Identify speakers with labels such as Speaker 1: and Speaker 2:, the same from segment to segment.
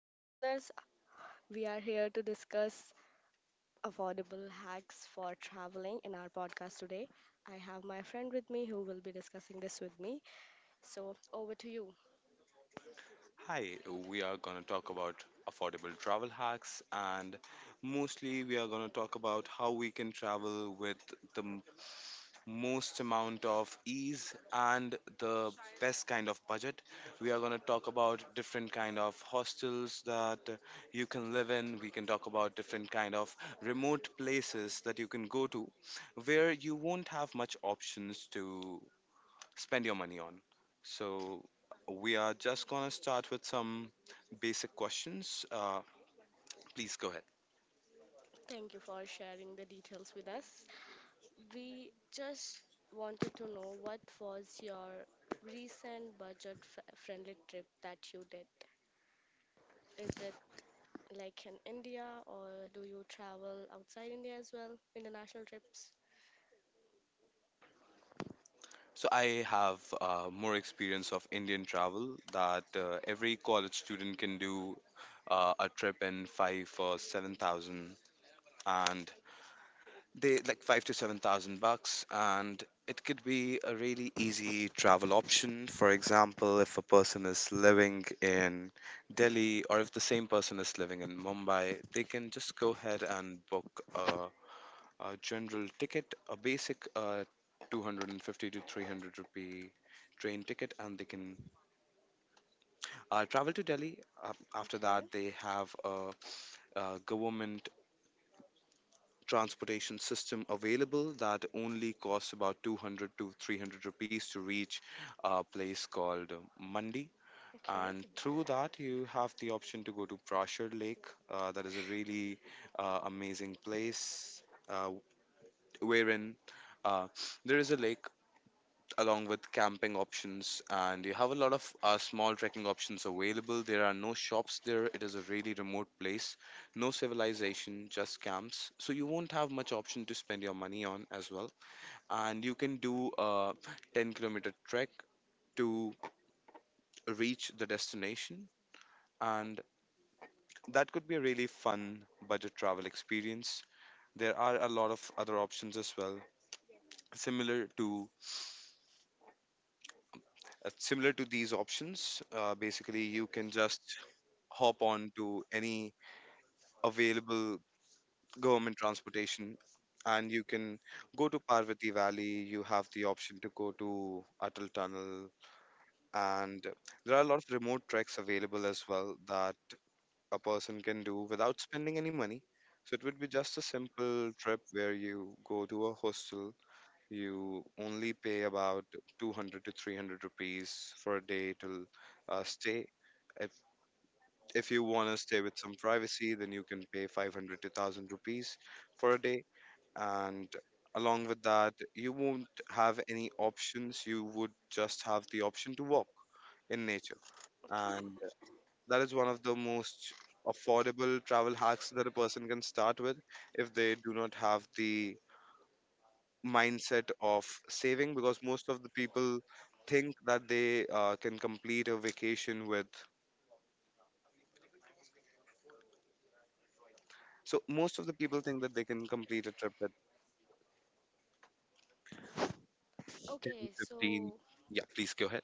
Speaker 1: Hello, listeners. We are here to discuss affordable hacks for traveling in our podcast today. I have my friend with me who will be discussing this with me. So, over to you.
Speaker 2: Hi, we are going to talk about affordable travel hacks and mostly we are going to talk about how we can travel with the most amount of ease and the best kind of budget. We are going to talk about different kind of hostels that you can live in. We can talk about different kind of remote places that you can go to where you won't have much options to spend your money on. So we are just gonna start with some basic questions. Please go ahead.
Speaker 1: Thank you for sharing the details with us. We just wanted to know what was your recent budget friendly trip that you did? Is it like in India or do you travel outside India as well? International trips?
Speaker 2: So I have more experience of Indian travel that every college student can do a trip in five or seven thousand, and they like five to seven thousand bucks, and it could be a really easy travel option. For example, if a person is living in Delhi or if the same person is living in Mumbai, they can just go ahead and book a general ticket, a basic 250 to 300 rupee train ticket, and they can travel to Delhi. After
Speaker 1: Okay,
Speaker 2: that, they have a government transportation system available that only costs about 200 to 300 rupees to reach a place called Mandi.
Speaker 1: okay.
Speaker 2: And through that, you have the option to go to Prashad Lake. That is a really amazing place, uh, wherein uh, there is a lake along with camping options, and you have a lot of small trekking options available. There are no shops there, it is a really remote place, no civilization, just camps, so you won't have much option to spend your money on as well. And you can do a 10-kilometer trek to reach the destination, and that could be a really fun budget travel experience. There are a lot of other options as well similar to these options. Basically you can just hop on to any available government transportation, and you can go to Parvati Valley. You have the option to go to Atal Tunnel, and there are a lot of remote treks available as well that a person can do without spending any money. So it would be just a simple trip where you go to a hostel. You only pay about 200 to 300 rupees for a day to stay. If you want to stay with some privacy, then you can pay 500 to 1000 rupees for a day. And along with that, you won't have any options. You would just have the option to walk in nature. And that is one of the most affordable travel hacks that a person can start with if they do not have the mindset of saving, because most of the people think that they can complete a vacation with. So most of the people think that they can complete a trip with 10,
Speaker 1: Okay,
Speaker 2: 15.
Speaker 1: so
Speaker 2: Yeah, please go ahead.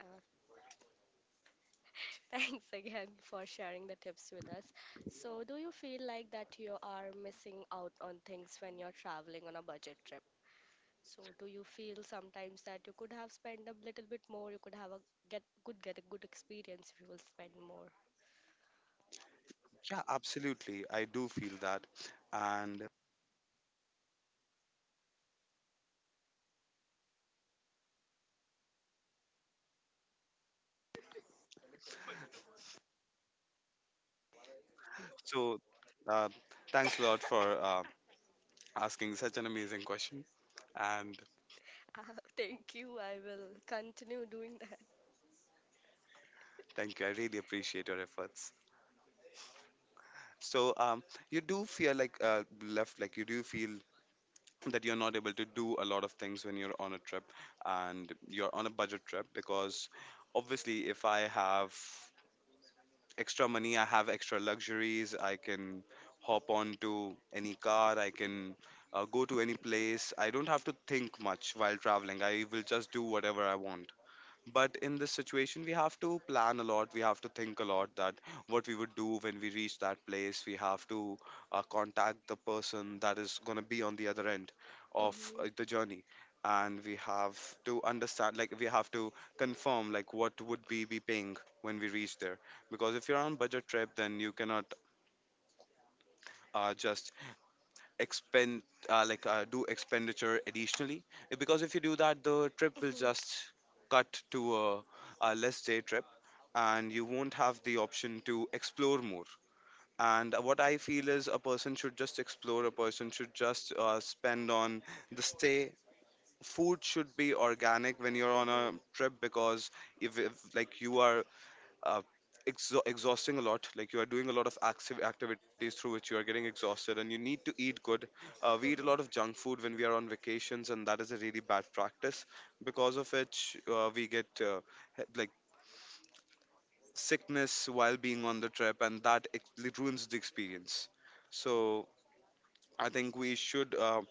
Speaker 1: Uh, thanks again for sharing the tips with us. So, do you feel like that you are missing out on things when you're traveling on a budget trip? So, do you feel sometimes that you could have spent a little bit more, you could get a good experience if you will spend more?
Speaker 2: Yeah, absolutely. I do feel that. And so, uh, thanks a lot for asking such an amazing question. And
Speaker 1: Uh, Thank you. I will continue doing that.
Speaker 2: thank you. I really appreciate your efforts. So, you do feel like you do feel that you're not able to do a lot of things when you're on a trip and you're on a budget trip, because obviously, if I have extra money, I have extra luxuries. I can hop on to any car. I can go to any place. I don't have to think much while traveling. I will just do whatever I want. But in this situation, we have to plan a lot, we have to think a lot, that what we would do when we reach that place. We have to contact the person that is going to be on the other end of
Speaker 1: Mhm,
Speaker 2: the journey, and we have to understand, like, we have to confirm, like, what would we be paying when we reach there, because if you're on budget trip, then you cannot just expend, do expenditure additionally. Because if you do that, the trip
Speaker 1: mhm,
Speaker 2: will
Speaker 1: mhm,
Speaker 2: just cut to a less day trip, and you won't have the option to explore more. And what I feel is, a person should just explore, a person should just spend on the stay. Food should be organic when you're on a
Speaker 1: mhm,
Speaker 2: trip, because if like you are uh, exhausting a lot. Like you are doing a lot of active activities through which you are getting exhausted, and you need to eat good. We eat a lot of junk food when we are on vacations, and that is a really bad practice. Because of which, we get he- like sickness while being on the trip, and that ruins the experience. So I think we should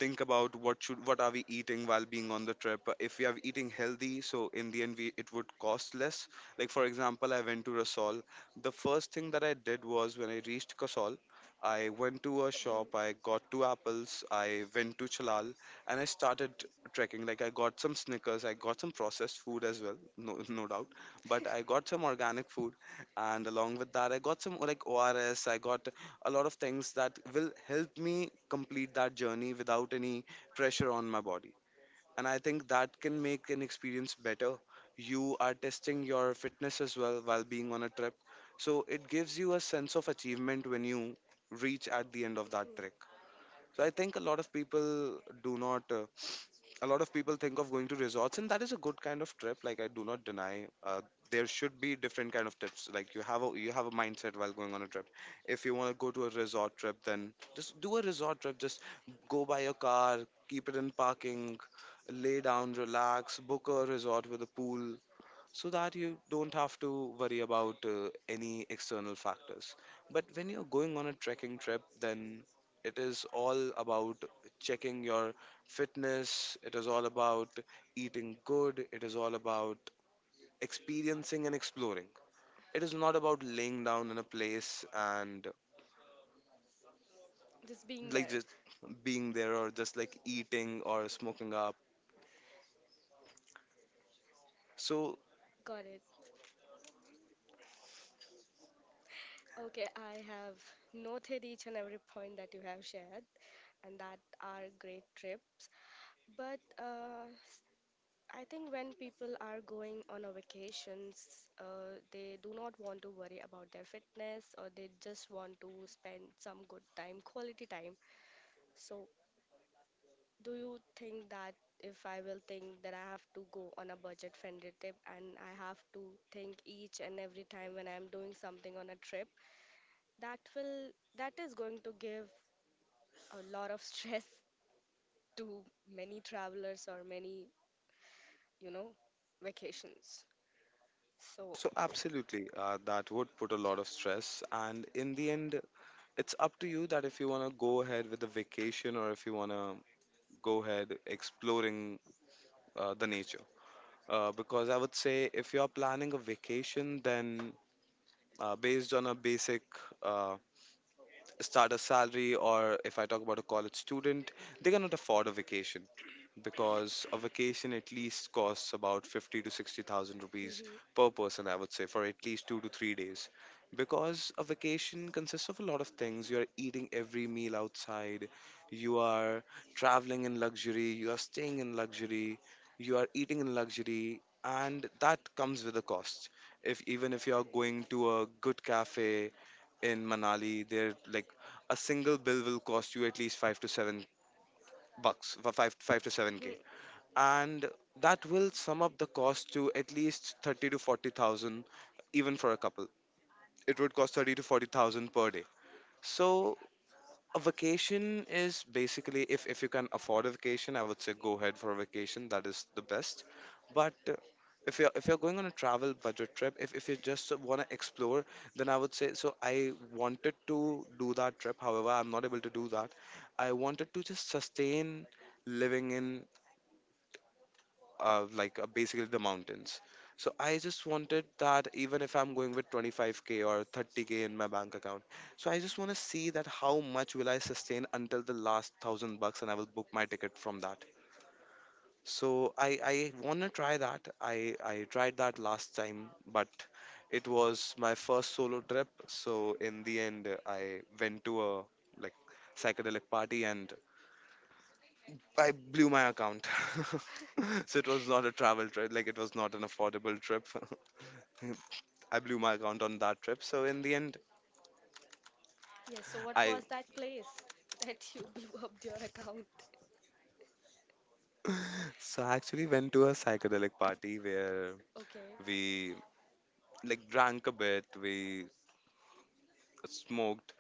Speaker 2: think about what are we eating while being on the trip. If we are eating healthy, so in the end we it would cost less. Like for example, I went to Rasol. The first thing that I did was when I reached Kasol, I went to a shop. I got two apples. I went to Chalal and I started trekking. Like I got some Snickers. I got some processed food as well, no no doubt. But I got some organic food, and along with that, I got some like ORS. I got a lot of things that will help me complete that journey without any pressure on my body. And I think that can make an experience better. You are testing your fitness as well while being on a trip. So it gives you a sense of achievement when you reach at the end of that
Speaker 1: mhm.
Speaker 2: trek. So I think a lot of people do not. A lot of people think of going to resorts, and that is a good kind of trip. Like I do not deny. There should be different kind of trips. Like you have a mindset while going on a trip. If you want to go to a resort trip, then just do a resort trip. Just go buy your car, keep it in parking, lay down, relax, book a resort with a pool, so that you don't have to worry about any external factors. But when you're going on a trekking trip, then it is all about checking your fitness, it is all about eating good, it is all about experiencing and exploring. It is not about laying down in a place and
Speaker 1: Just being
Speaker 2: like
Speaker 1: there.
Speaker 2: just being there or just like eating or smoking up. So
Speaker 1: Got it. Okay, I have noted each and every point that you have shared, and that are great trips. But I think when people are going on a vacations, they do not want to worry about their fitness or they just want to spend some good time, quality time. So, do you think that if I will think that I have to go on a budget friendly trip and I have to think each and every time when I'm doing something on a trip, that will that is going to give a lot of stress to many travelers or many, you know, vacations. So,
Speaker 2: absolutely, that would put a lot of stress, and in the end, it's up to you that if you want to go ahead with the vacation or if you want to go ahead exploring the nature. Because I would say if you're planning a vacation, then based on a basic uh, starter salary, or if I talk about a college student, they cannot afford a vacation, because a vacation at least costs about 50 to 60 thousand rupees
Speaker 1: mhm,
Speaker 2: per person, I would say, for at least 2 to 3 days, because a vacation consists of a lot of things. You are eating every meal outside, you are traveling in luxury, you are staying in luxury, you are eating in luxury, and that comes with a cost. If even if you are going to a good cafe in Manali, there like a single bill will cost you at least 5 to 7 bucks, for 5 5 to 7K.
Speaker 1: mhm.
Speaker 2: And that will sum up the cost to at least 30 to 40,000 even for a couple. It would cost 30 to 40,000 per day. So a vacation is basically, if you can afford a vacation, I would say go ahead for a vacation. That is the best. But if you're going on a travel budget trip, if you just want to explore, then I would say so. I wanted to do that trip. However, I'm not able to do that. I wanted to just sustain living in basically the mountains. So I just wanted that even if I'm going with 25K or 30K in my bank account, so I just want to see that how much will I sustain until the last 1,000 bucks, and I will book my ticket from that. So I want to try that. I tried that last time, but it was my first solo trip. So in the end, I went to a like psychedelic party and I blew my account. So it was not a travel trip, like it was not an affordable trip. I blew my account on that trip. So in the end,
Speaker 1: Yes, so what
Speaker 2: I
Speaker 1: was that place that you blew up your account?
Speaker 2: so I actually went to a psychedelic party where
Speaker 1: Okay,
Speaker 2: we drank a bit, we smoked,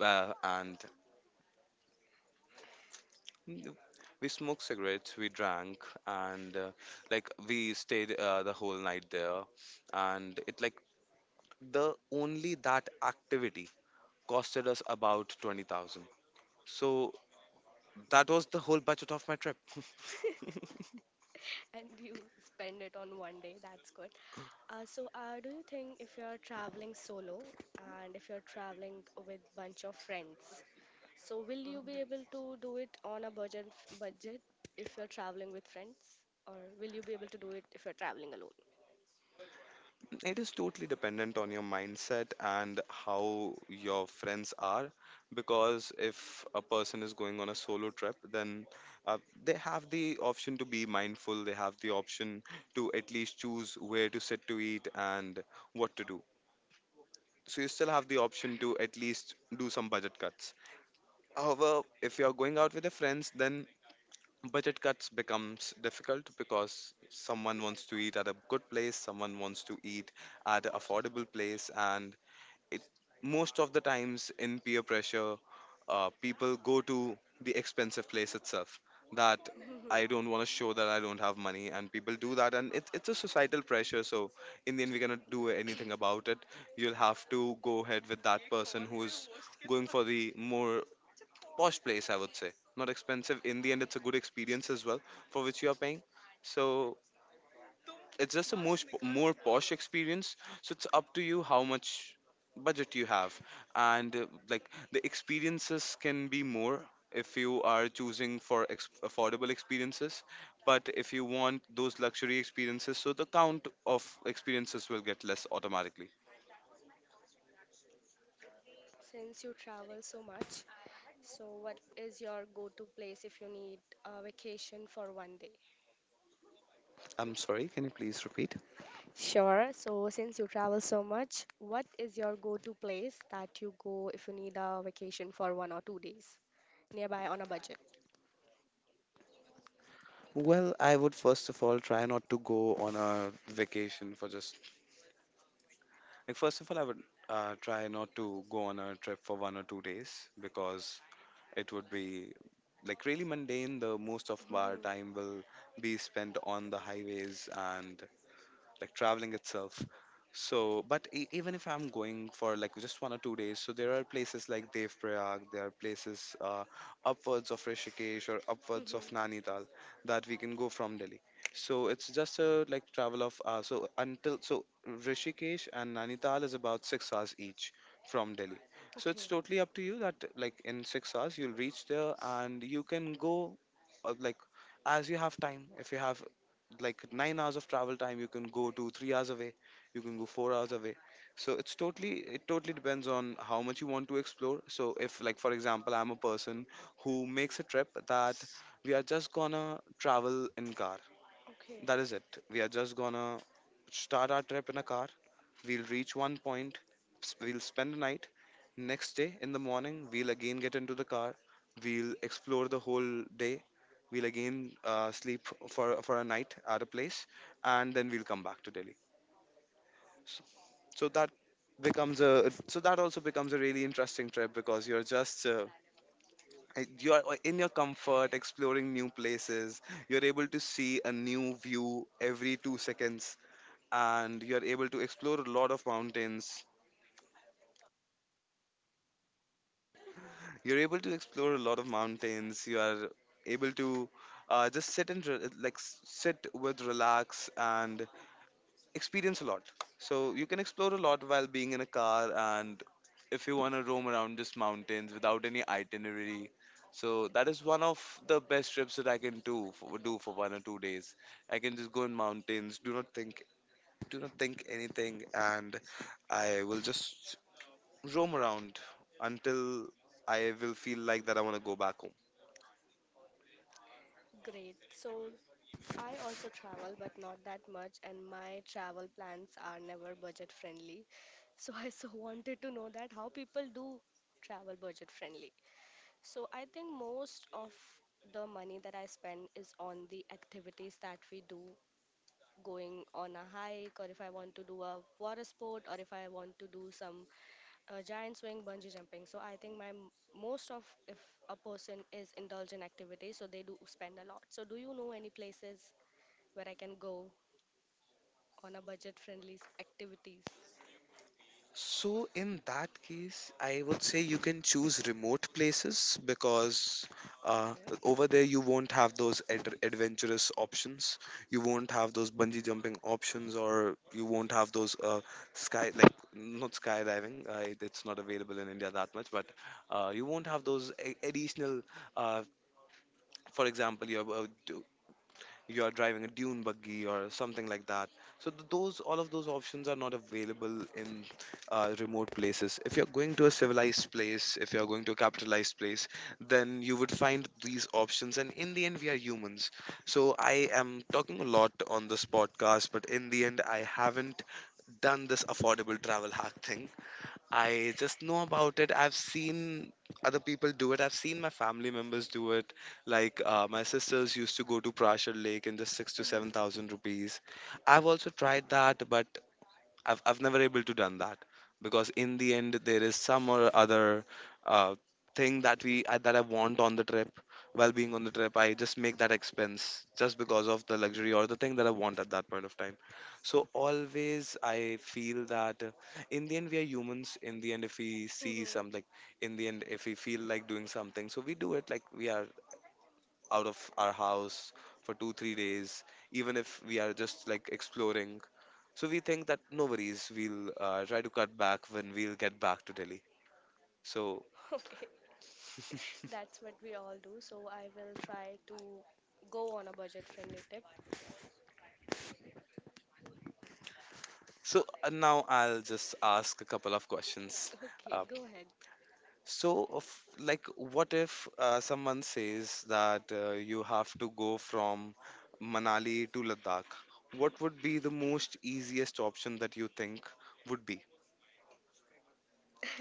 Speaker 2: and we smoked cigarettes, we drank, and like we stayed the whole night there, and it like the only that activity costed us about 20,000. So that was the whole budget of my trip.
Speaker 1: and you spend it on one day. That's good. So, do you think if you're traveling solo and if you're traveling with bunch of friends, so will you be able to do it on a budget if you're traveling with friends, or will you be able to do it if you're traveling alone?
Speaker 2: It is totally dependent on your mindset and how your friends are. Because if a person is going on a solo trip, then uh, they have the option to be mindful, they have the option to at least choose where to sit to eat and what to do. So you still have the option to at least do some budget cuts. However, if you're going out with your friends, then budget cuts becomes difficult because someone wants to eat at a good place, someone wants to eat at an affordable place, and it most of the times in peer pressure people go to the expensive place itself. That I
Speaker 1: Mhm.
Speaker 2: don't want to show that I don't have money, and people do that, and it's a societal pressure, so in the end we cannot do anything about it. You'll have to go ahead with that person who's going for the more posh place, I would say. Not expensive. In the end, it's a good experience as well for which you are paying. So it's just a most more posh experience. So it's up to you how much budget you have, and like the experiences can be more if you are choosing for affordable experiences. But if you want those luxury experiences, so the count of experiences will get less automatically.
Speaker 1: Since you travel so much, so, what is your go to place if you need a vacation for one day?
Speaker 2: I'm sorry. Can you please repeat?
Speaker 1: Sure. So, since you travel so much, what is your go to place that you go if you need a vacation for one or two days nearby on a budget?
Speaker 2: Well, I would first of all try not to go on a vacation for just like first of all I would try not to go on a trip for 1 or 2 days because it would be like really mundane. The most of our
Speaker 1: Mhm,
Speaker 2: time will be spent on the highways and like traveling itself. So, but even if I'm going for like just 1 or 2 days, so there are places like Dev Prayag, there are places upwards of Rishikesh or upwards of
Speaker 1: mhm.
Speaker 2: Nainital that we can go from Delhi. So it's just a like travel of so until so Rishikesh and Nainital is about 6 hours each from Delhi. So it's
Speaker 1: Okay.
Speaker 2: totally up to you that like in 6 hours you'll reach there, and you can go like as you have time. If you have like 9 hours of travel time, you can go to 3 hours away, you can go 4 hours away, so it totally depends on how much you want to explore. So if like for example I'm a person who makes a trip that we are just gonna travel in car,
Speaker 1: Okay.
Speaker 2: that is it, we are just gonna start our trip in a car. We'll reach one point, we'll spend the night. Next day, in the morning, we'll again get into the car. We'll explore the whole day. We'll again sleep for a night at a place, and then we'll come back to Delhi. So, so that becomes a so that also becomes a really interesting trip because you're just you're in your comfort exploring new places, you're able to see a new view every 2 seconds, and you're able to explore a lot of mountains You're Able to explore a lot of mountains. You are able to just sit and sit with relax and experience a lot. So you can explore a lot while being in a car, and if you want to roam around just mountains without any itinerary. So that is one of the best trips that I can do do for 1 or 2 days. I can just go in mountains, do not think anything, and I will just roam around until I will feel like that I want to go back home.
Speaker 1: Great. So, I also travel, but not that much, and my travel plans are never budget friendly. So, I so wanted to know that how people do travel budget friendly. So I think most of the money that I spend is on the activities that we do, going on a hike, or if I want to do a water sport, or if I want to do some giant swing, bungee jumping. So I think my most of if a person is indulged in activities, so they do spend a lot. So do you know any places where I can go on a budget-friendly activities?
Speaker 2: So, in that case, I would say you can choose remote places because uh,
Speaker 1: Okay.
Speaker 2: over there you won't have those adventurous options. You won't have those bungee jumping options, or you won't have those sky like not skydiving. It's not available in India that much, but you won't have those additional. Uh, for example, you are driving a dune buggy or something like that, so th- those all of those options are not available in remote places. If you're going to a civilized place, if you're going to a capitalized place, then you would find these options, and in the end we are humans. So I am talking a lot on this podcast, but in the end I haven't done this affordable travel hack thing. I just know about it. I've seen other people do it. I've seen my family members do it. Like my sisters used to go to Prashad Lake in the six to
Speaker 1: Mhm.
Speaker 2: seven thousand rupees. I've also tried that, but I've never able to done that because in the end there is some or other uh, thing that that I want on the trip. While being on the trip, I just make that expense just because of the luxury or the thing that I want at that point of time. So always I feel that in the end we are humans.
Speaker 1: Mhm.
Speaker 2: In the end, if we feel like doing something, so we do it. Like we are out of our house for 2 3 days, even if we are just like exploring, so we think that no worries, we'll try to cut back when we'll get back to Delhi. So,
Speaker 1: Okay, that's what we all do. So I will try to go on a budget friendly trip.
Speaker 2: so now I'll just ask a couple of questions.
Speaker 1: Okay,
Speaker 2: Uh,
Speaker 1: go ahead.
Speaker 2: so, of, what if someone says that you have to go from Manali to Ladakh? What would be the most easiest option that you think would be?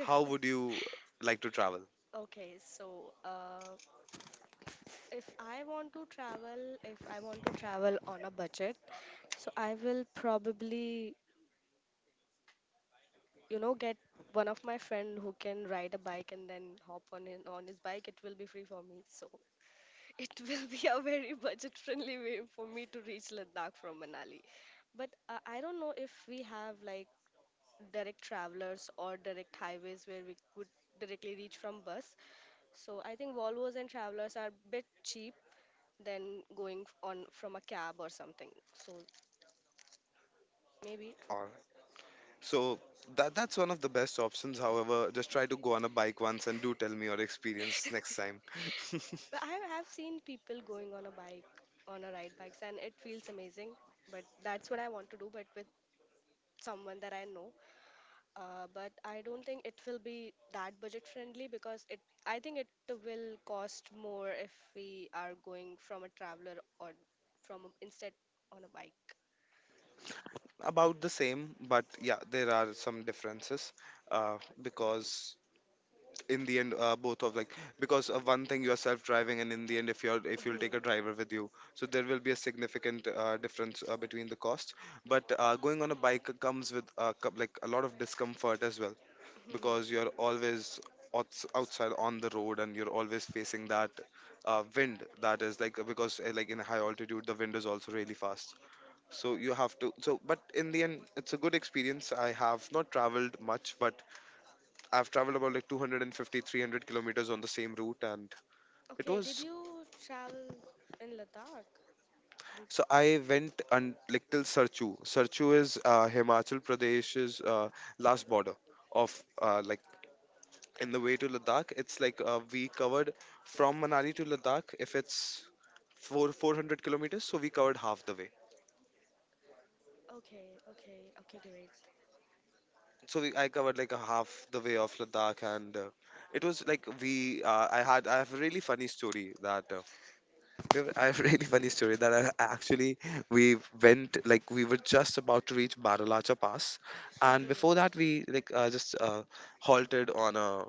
Speaker 2: How would you like to travel?
Speaker 1: Okay, so if I want to travel, if I want to travel on a budget, so I will probably, you know, get one of my friend who can ride a bike and then hop on his bike. It will be free for me, so it will be a very budget-friendly way for me to reach Ladakh from Manali. But I don't know if we have like direct travelers or direct highways where we could directly reach from bus. So I think Volvos and Travelers are a bit cheap than going on from a cab or something. So maybe,
Speaker 2: Or So that's one of the best options. However, just try to go on a bike once and do tell me your experience next time.
Speaker 1: but I have seen people going on a bike on a ride bikes and it feels amazing. But that's what I want to do, but with someone that I know. But I don't think it will be that budget friendly because it I think it will cost more if we are going from a traveler or instead on a bike.
Speaker 2: About the same, but yeah, there are some differences because in the end, both of like because one thing you're self-driving, and in the end, if you're if you'll
Speaker 1: Mhm.
Speaker 2: take a driver with you, so there will be a significant difference between the cost. But going on a bike comes with like a lot of discomfort as well,
Speaker 1: Mhm.
Speaker 2: because you're always outside on the road, and you're always facing that wind that is like because like in high altitude the wind is also really fast, so you have to so but in the end it's a good experience. I have not traveled much, but I've traveled about like 250 300 kilometers on the same route, and it
Speaker 1: Okay, did
Speaker 2: was
Speaker 1: you travel in Ladakh? Did,
Speaker 2: so I went and like till Sarchu. Sarchu is Himachal Pradesh's last border of in the way to Ladakh. It's like we covered from Manali to Ladakh. If it's four hundred kilometers, so we covered half the way.
Speaker 1: okay, okay, okay, great.
Speaker 2: So I covered like a half the way of Ladakh, and it was like we. I had I have a really funny story that we have- I have a really funny story that I actually we went like we were just about to reach Baralacha Pass, and before
Speaker 1: Hmm.
Speaker 2: that we like just halted on a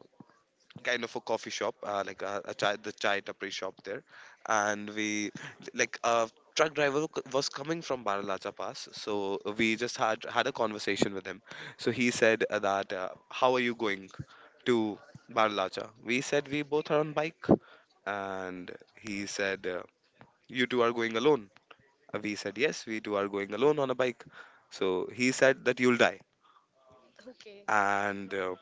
Speaker 2: kind of a coffee shop, a chai, the chai tapri shop there, and we like a truck driver was coming from Baralacha Pass, so we just had a conversation with him. So he said that how are you going to Baralacha? We said we both are on bike, and he said you two are going alone. We said yes, we two are going alone on a bike. So he said that you'll die,
Speaker 1: Okay,
Speaker 2: and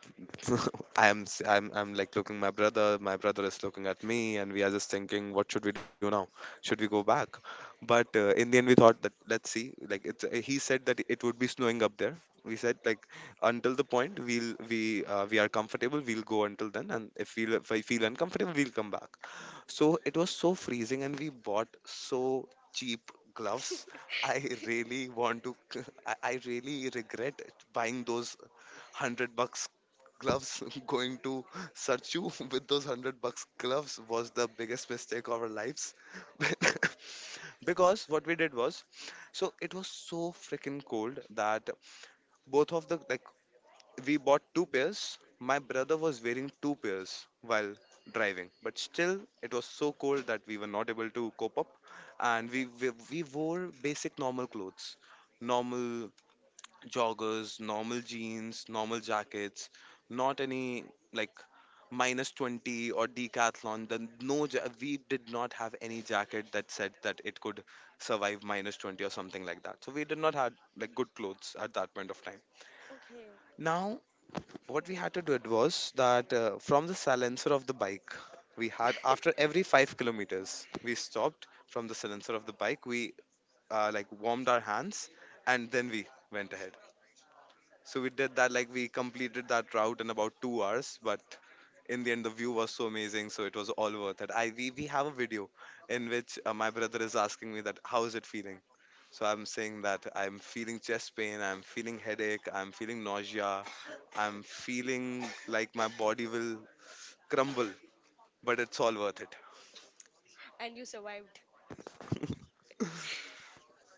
Speaker 2: I'm, s- I'm like looking my brother, my brother is looking at me, and we are just thinking what should we do now, should we go back. But in the end we thought that let's see, like it's he said that it would be snowing up there. We said like until the point we are comfortable, we'll go until then, and if we if I feel uncomfortable, we'll come back. So it was so freezing, and we bought so cheap gloves. I really want to, I really regret buying those 100 bucks gloves. Going to Sarchu with those 100 bucks gloves was the biggest mistake of our lives. Because what we did was so it was so freaking cold that both of the like we bought two pairs. My brother was wearing two pairs while driving, but still, it was so cold that we were not able to cope up, and we wore basic normal clothes, normal joggers, normal jeans, normal jackets, not any like minus 20 or decathlon the we did not have any jacket that said that it could survive minus 20 or something like that, so we did not have like good clothes at that point of time.
Speaker 1: okay.
Speaker 2: Now what we had to do it was that from the silencer of the bike we had, after every 5 kilometers we stopped, from the silencer of the bike we like warmed our hands and then we went ahead. So we did that, like we completed that route in about 2 hours, but in the end the view was so amazing, so it was all worth it. We have a video in which my brother is asking me that how is it feeling, so I'm saying that I'm feeling chest pain, I'm feeling headache, I'm feeling nausea, I'm feeling like my body will crumble, but it's all worth it.
Speaker 1: And you survived.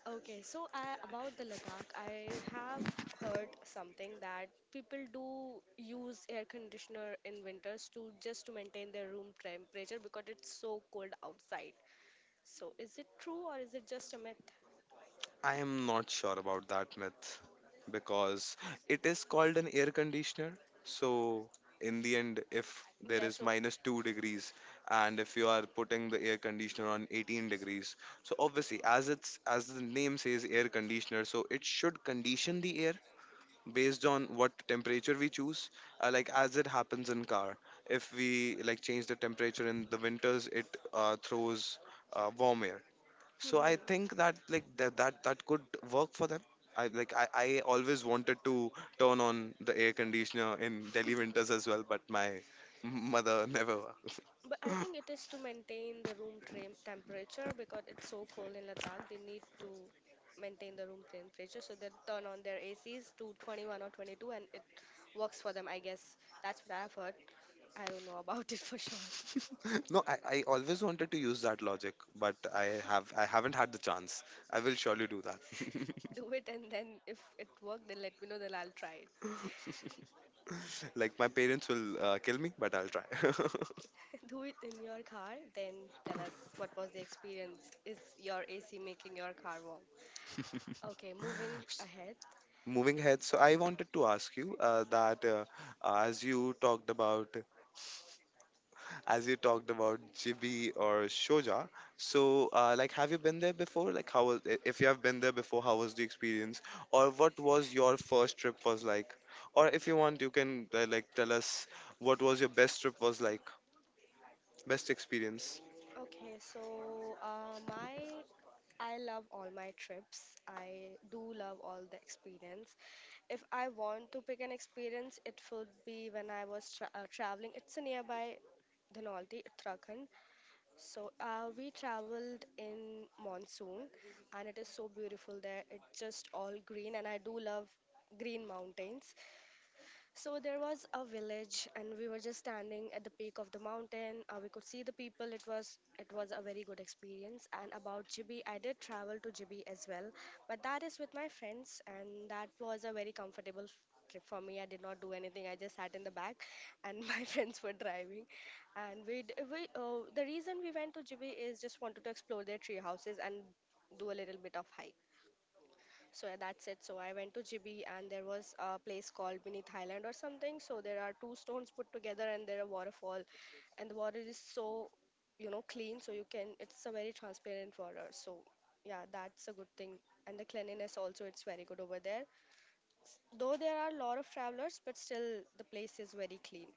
Speaker 1: Okay, so about the Ladakh, I have heard something that people do use air conditioner in winters to just to maintain their room temperature because it's so cold outside. So is it true or is it just a myth?
Speaker 2: I am not sure about that myth because it is called an air conditioner. So, in the end, if there
Speaker 1: Yeah,
Speaker 2: is
Speaker 1: so.
Speaker 2: minus 2 degrees and if you are putting the air conditioner on 18 degrees, so obviously, as it's as the name says, air conditioner, so it should condition the air based on what temperature we choose, like as it happens in car, if we like change the temperature in the winters, it throws warm air. So I
Speaker 1: Hmm.
Speaker 2: think that that could work for them. I always wanted to turn on the air conditioner in Delhi winters as well, but my mother never.
Speaker 1: But I think it is to maintain the room tram temperature because it's so cold in Ladakh. They need to maintain the room temperature, so they turn on their ACs to 21 or 22, and it works for them. I guess that's what I've heard. I don't know about it for sure.
Speaker 2: No, I always wanted to use that logic, but i haven't had the chance. I will surely do that.
Speaker 1: Do it, and then if it worked, then let me know. Then I'll try it.
Speaker 2: Like my parents will kill me, but I'll try.
Speaker 1: Do it in your car, then tell us what was the experience. Is your AC making your car warm? Okay, moving
Speaker 2: S-
Speaker 1: ahead.
Speaker 2: Moving ahead, so I wanted to ask you that as you talked about as you talked about Jibi or Shoja, so like have you been there before? Like how if you have been there before, how was the experience? Or what was your first trip was like? Or if you want, you can like tell us what was your best trip was like, best experience.
Speaker 1: Okay, so my I love all my trips. I do love all the experience. If I want to pick an experience, it would be when I was traveling. It's a nearby Dhanolti, Uttarakhand. So we traveled in monsoon, and it is so beautiful there. It's just all green, and I do love green mountains. So there was a village, and we were just standing at the peak of the mountain. We could see the people. It was a very good experience. And about Jibi, I did travel to Jibi as well, but that is with my friends, and that was a very comfortable trip for me. I did not do anything. I just sat in the back, and my friends were driving. And we d- we the reason we went to Jibi is just wanted to explore their tree houses and do a little bit of hike. So yeah, that's it. So I went to Jibi and there was a place called Beneath Thailand or something. So there are two stones put together and there are waterfall and the water is so, you know, clean. So you can, it's a very transparent water. So yeah, that's a good thing. And the cleanliness also, it's very good over there. Though there are a lot of travelers, but still the place is very clean.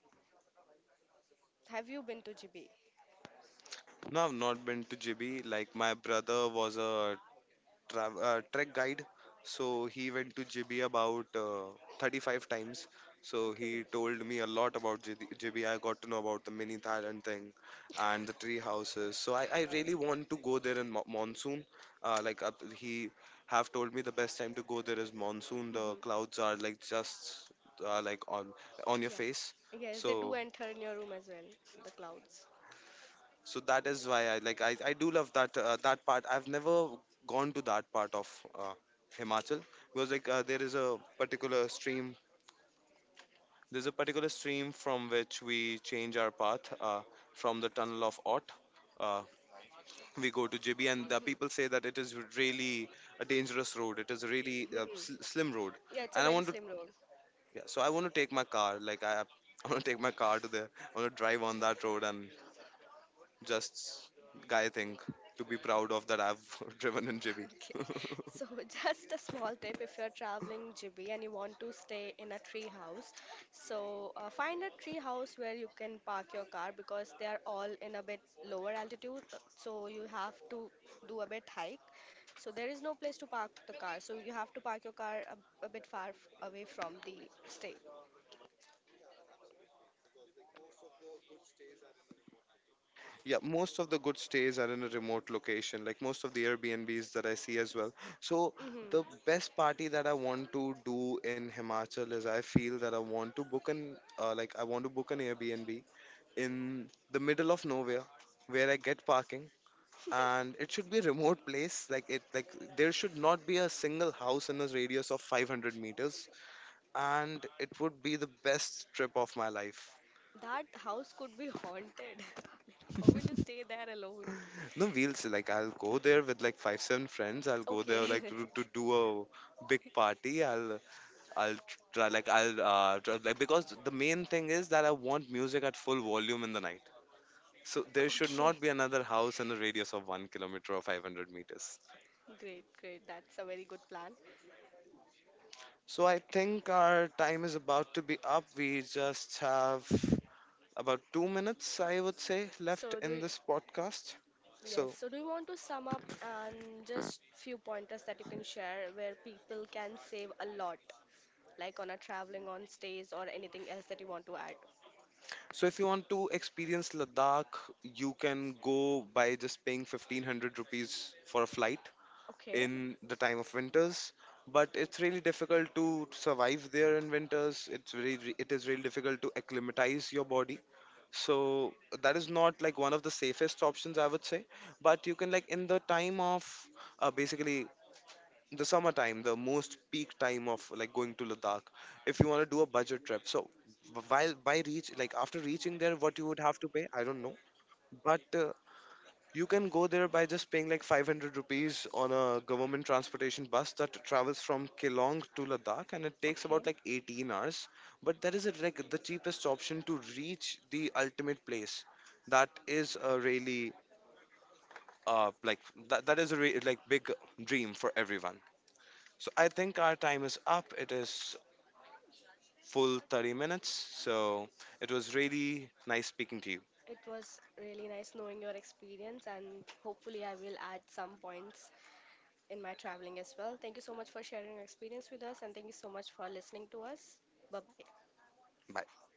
Speaker 1: Have you been to Jibi?
Speaker 2: No, I've not been to Jibi. Like my brother was a trek guide. So he went to JB about 35 times. So
Speaker 1: Okay.
Speaker 2: he told me a lot about JD. I got to know about the mini Thailand thing and the tree houses. So I really want to go there in monsoon. Uh, like uh, he have told me the best time to go there is monsoon. The
Speaker 1: Mhm.
Speaker 2: clouds are like just like on your
Speaker 1: Yeah.
Speaker 2: face.
Speaker 1: Yes, they do
Speaker 2: So
Speaker 1: enter in your room as well, the clouds.
Speaker 2: so that is why I do love that that part. I've never gone to that part of uh, Himachal, because like there's a particular stream from which we change our path, from the tunnel of Ott. Uh, we go to J B, and the
Speaker 1: Mhm.
Speaker 2: people say that it is really a dangerous road. It is a really slim road,
Speaker 1: Yeah, it's a
Speaker 2: and I
Speaker 1: very
Speaker 2: want to.
Speaker 1: slim road.
Speaker 2: Yeah, so I want to take my car. Like I want to take my car to there. I want to drive on that road, and just guy thing to be proud of that I've driven in JB.
Speaker 1: Okay. So, just a small tip if you're traveling Jibi and you want to stay in a tree house, so find a tree house where you can park your car because they are all in a bit lower altitude. Uh, so, you have to do a bit hike. So, there is no place to park the car. So, you have to park your car a bit far away from the stay.
Speaker 2: Yeah, most of the good stays are in a remote location, like most of the Airbnbs that I see as well. So,
Speaker 1: Hmm.
Speaker 2: the best party that I want to do in Himachal is I feel that I want to book an Airbnb in the middle of nowhere, where I get parking, and it should be a remote place, like there should not be a single house in a radius of 500 meters, and it would be the best trip of my life.
Speaker 1: That house could be haunted. How will you stay there alone?
Speaker 2: No, we'll see. Like, I'll go there with like five, seven friends. I'll go there like
Speaker 1: Okay.
Speaker 2: to do a big party. I'll try, like I'll try, like because the main thing is that I want music at full volume in the night. So there should
Speaker 1: Okay.
Speaker 2: not be another house in a radius of 1 kilometer or 500 meters.
Speaker 1: Great, great. That's a very good plan.
Speaker 2: So I think our time is about to be up. We just have about 2 minutes, I would say, left
Speaker 1: So do
Speaker 2: in
Speaker 1: you,
Speaker 2: this podcast.
Speaker 1: yes.
Speaker 2: So
Speaker 1: So do you want to sum up and just few pointers that you can share where people can save a lot, like on a traveling on stays or anything else that you want to add?
Speaker 2: so if you want to experience Ladakh, you can go by just paying 1500 rupees for a flight
Speaker 1: Okay,
Speaker 2: in the time of winters. But it's really difficult to survive there in winters. It is really difficult to acclimatize your body. So that is not like one of the safest options, I would say. But you can, like in the time of basically the summertime, the most peak time of like going to Ladakh, if you want to do a budget trip, so b- while by reach like after reaching there what you would have to pay I don't know, but you can go there by just paying like 500 rupees on a government transportation bus that travels from Kelong to Ladakh, and it takes
Speaker 1: okay.
Speaker 2: about like 18 hours. But that is a, like the cheapest option to reach the ultimate place. That is a really uh, like that is a like big dream for everyone. So I think our time is up. It is full 30 minutes. So it was really nice speaking to you.
Speaker 1: It was really nice knowing your experience, and hopefully I will add some points in my traveling as well. Thank you so much for sharing your experience with us, and thank you so much for listening to us. Bye bye.
Speaker 2: Bye.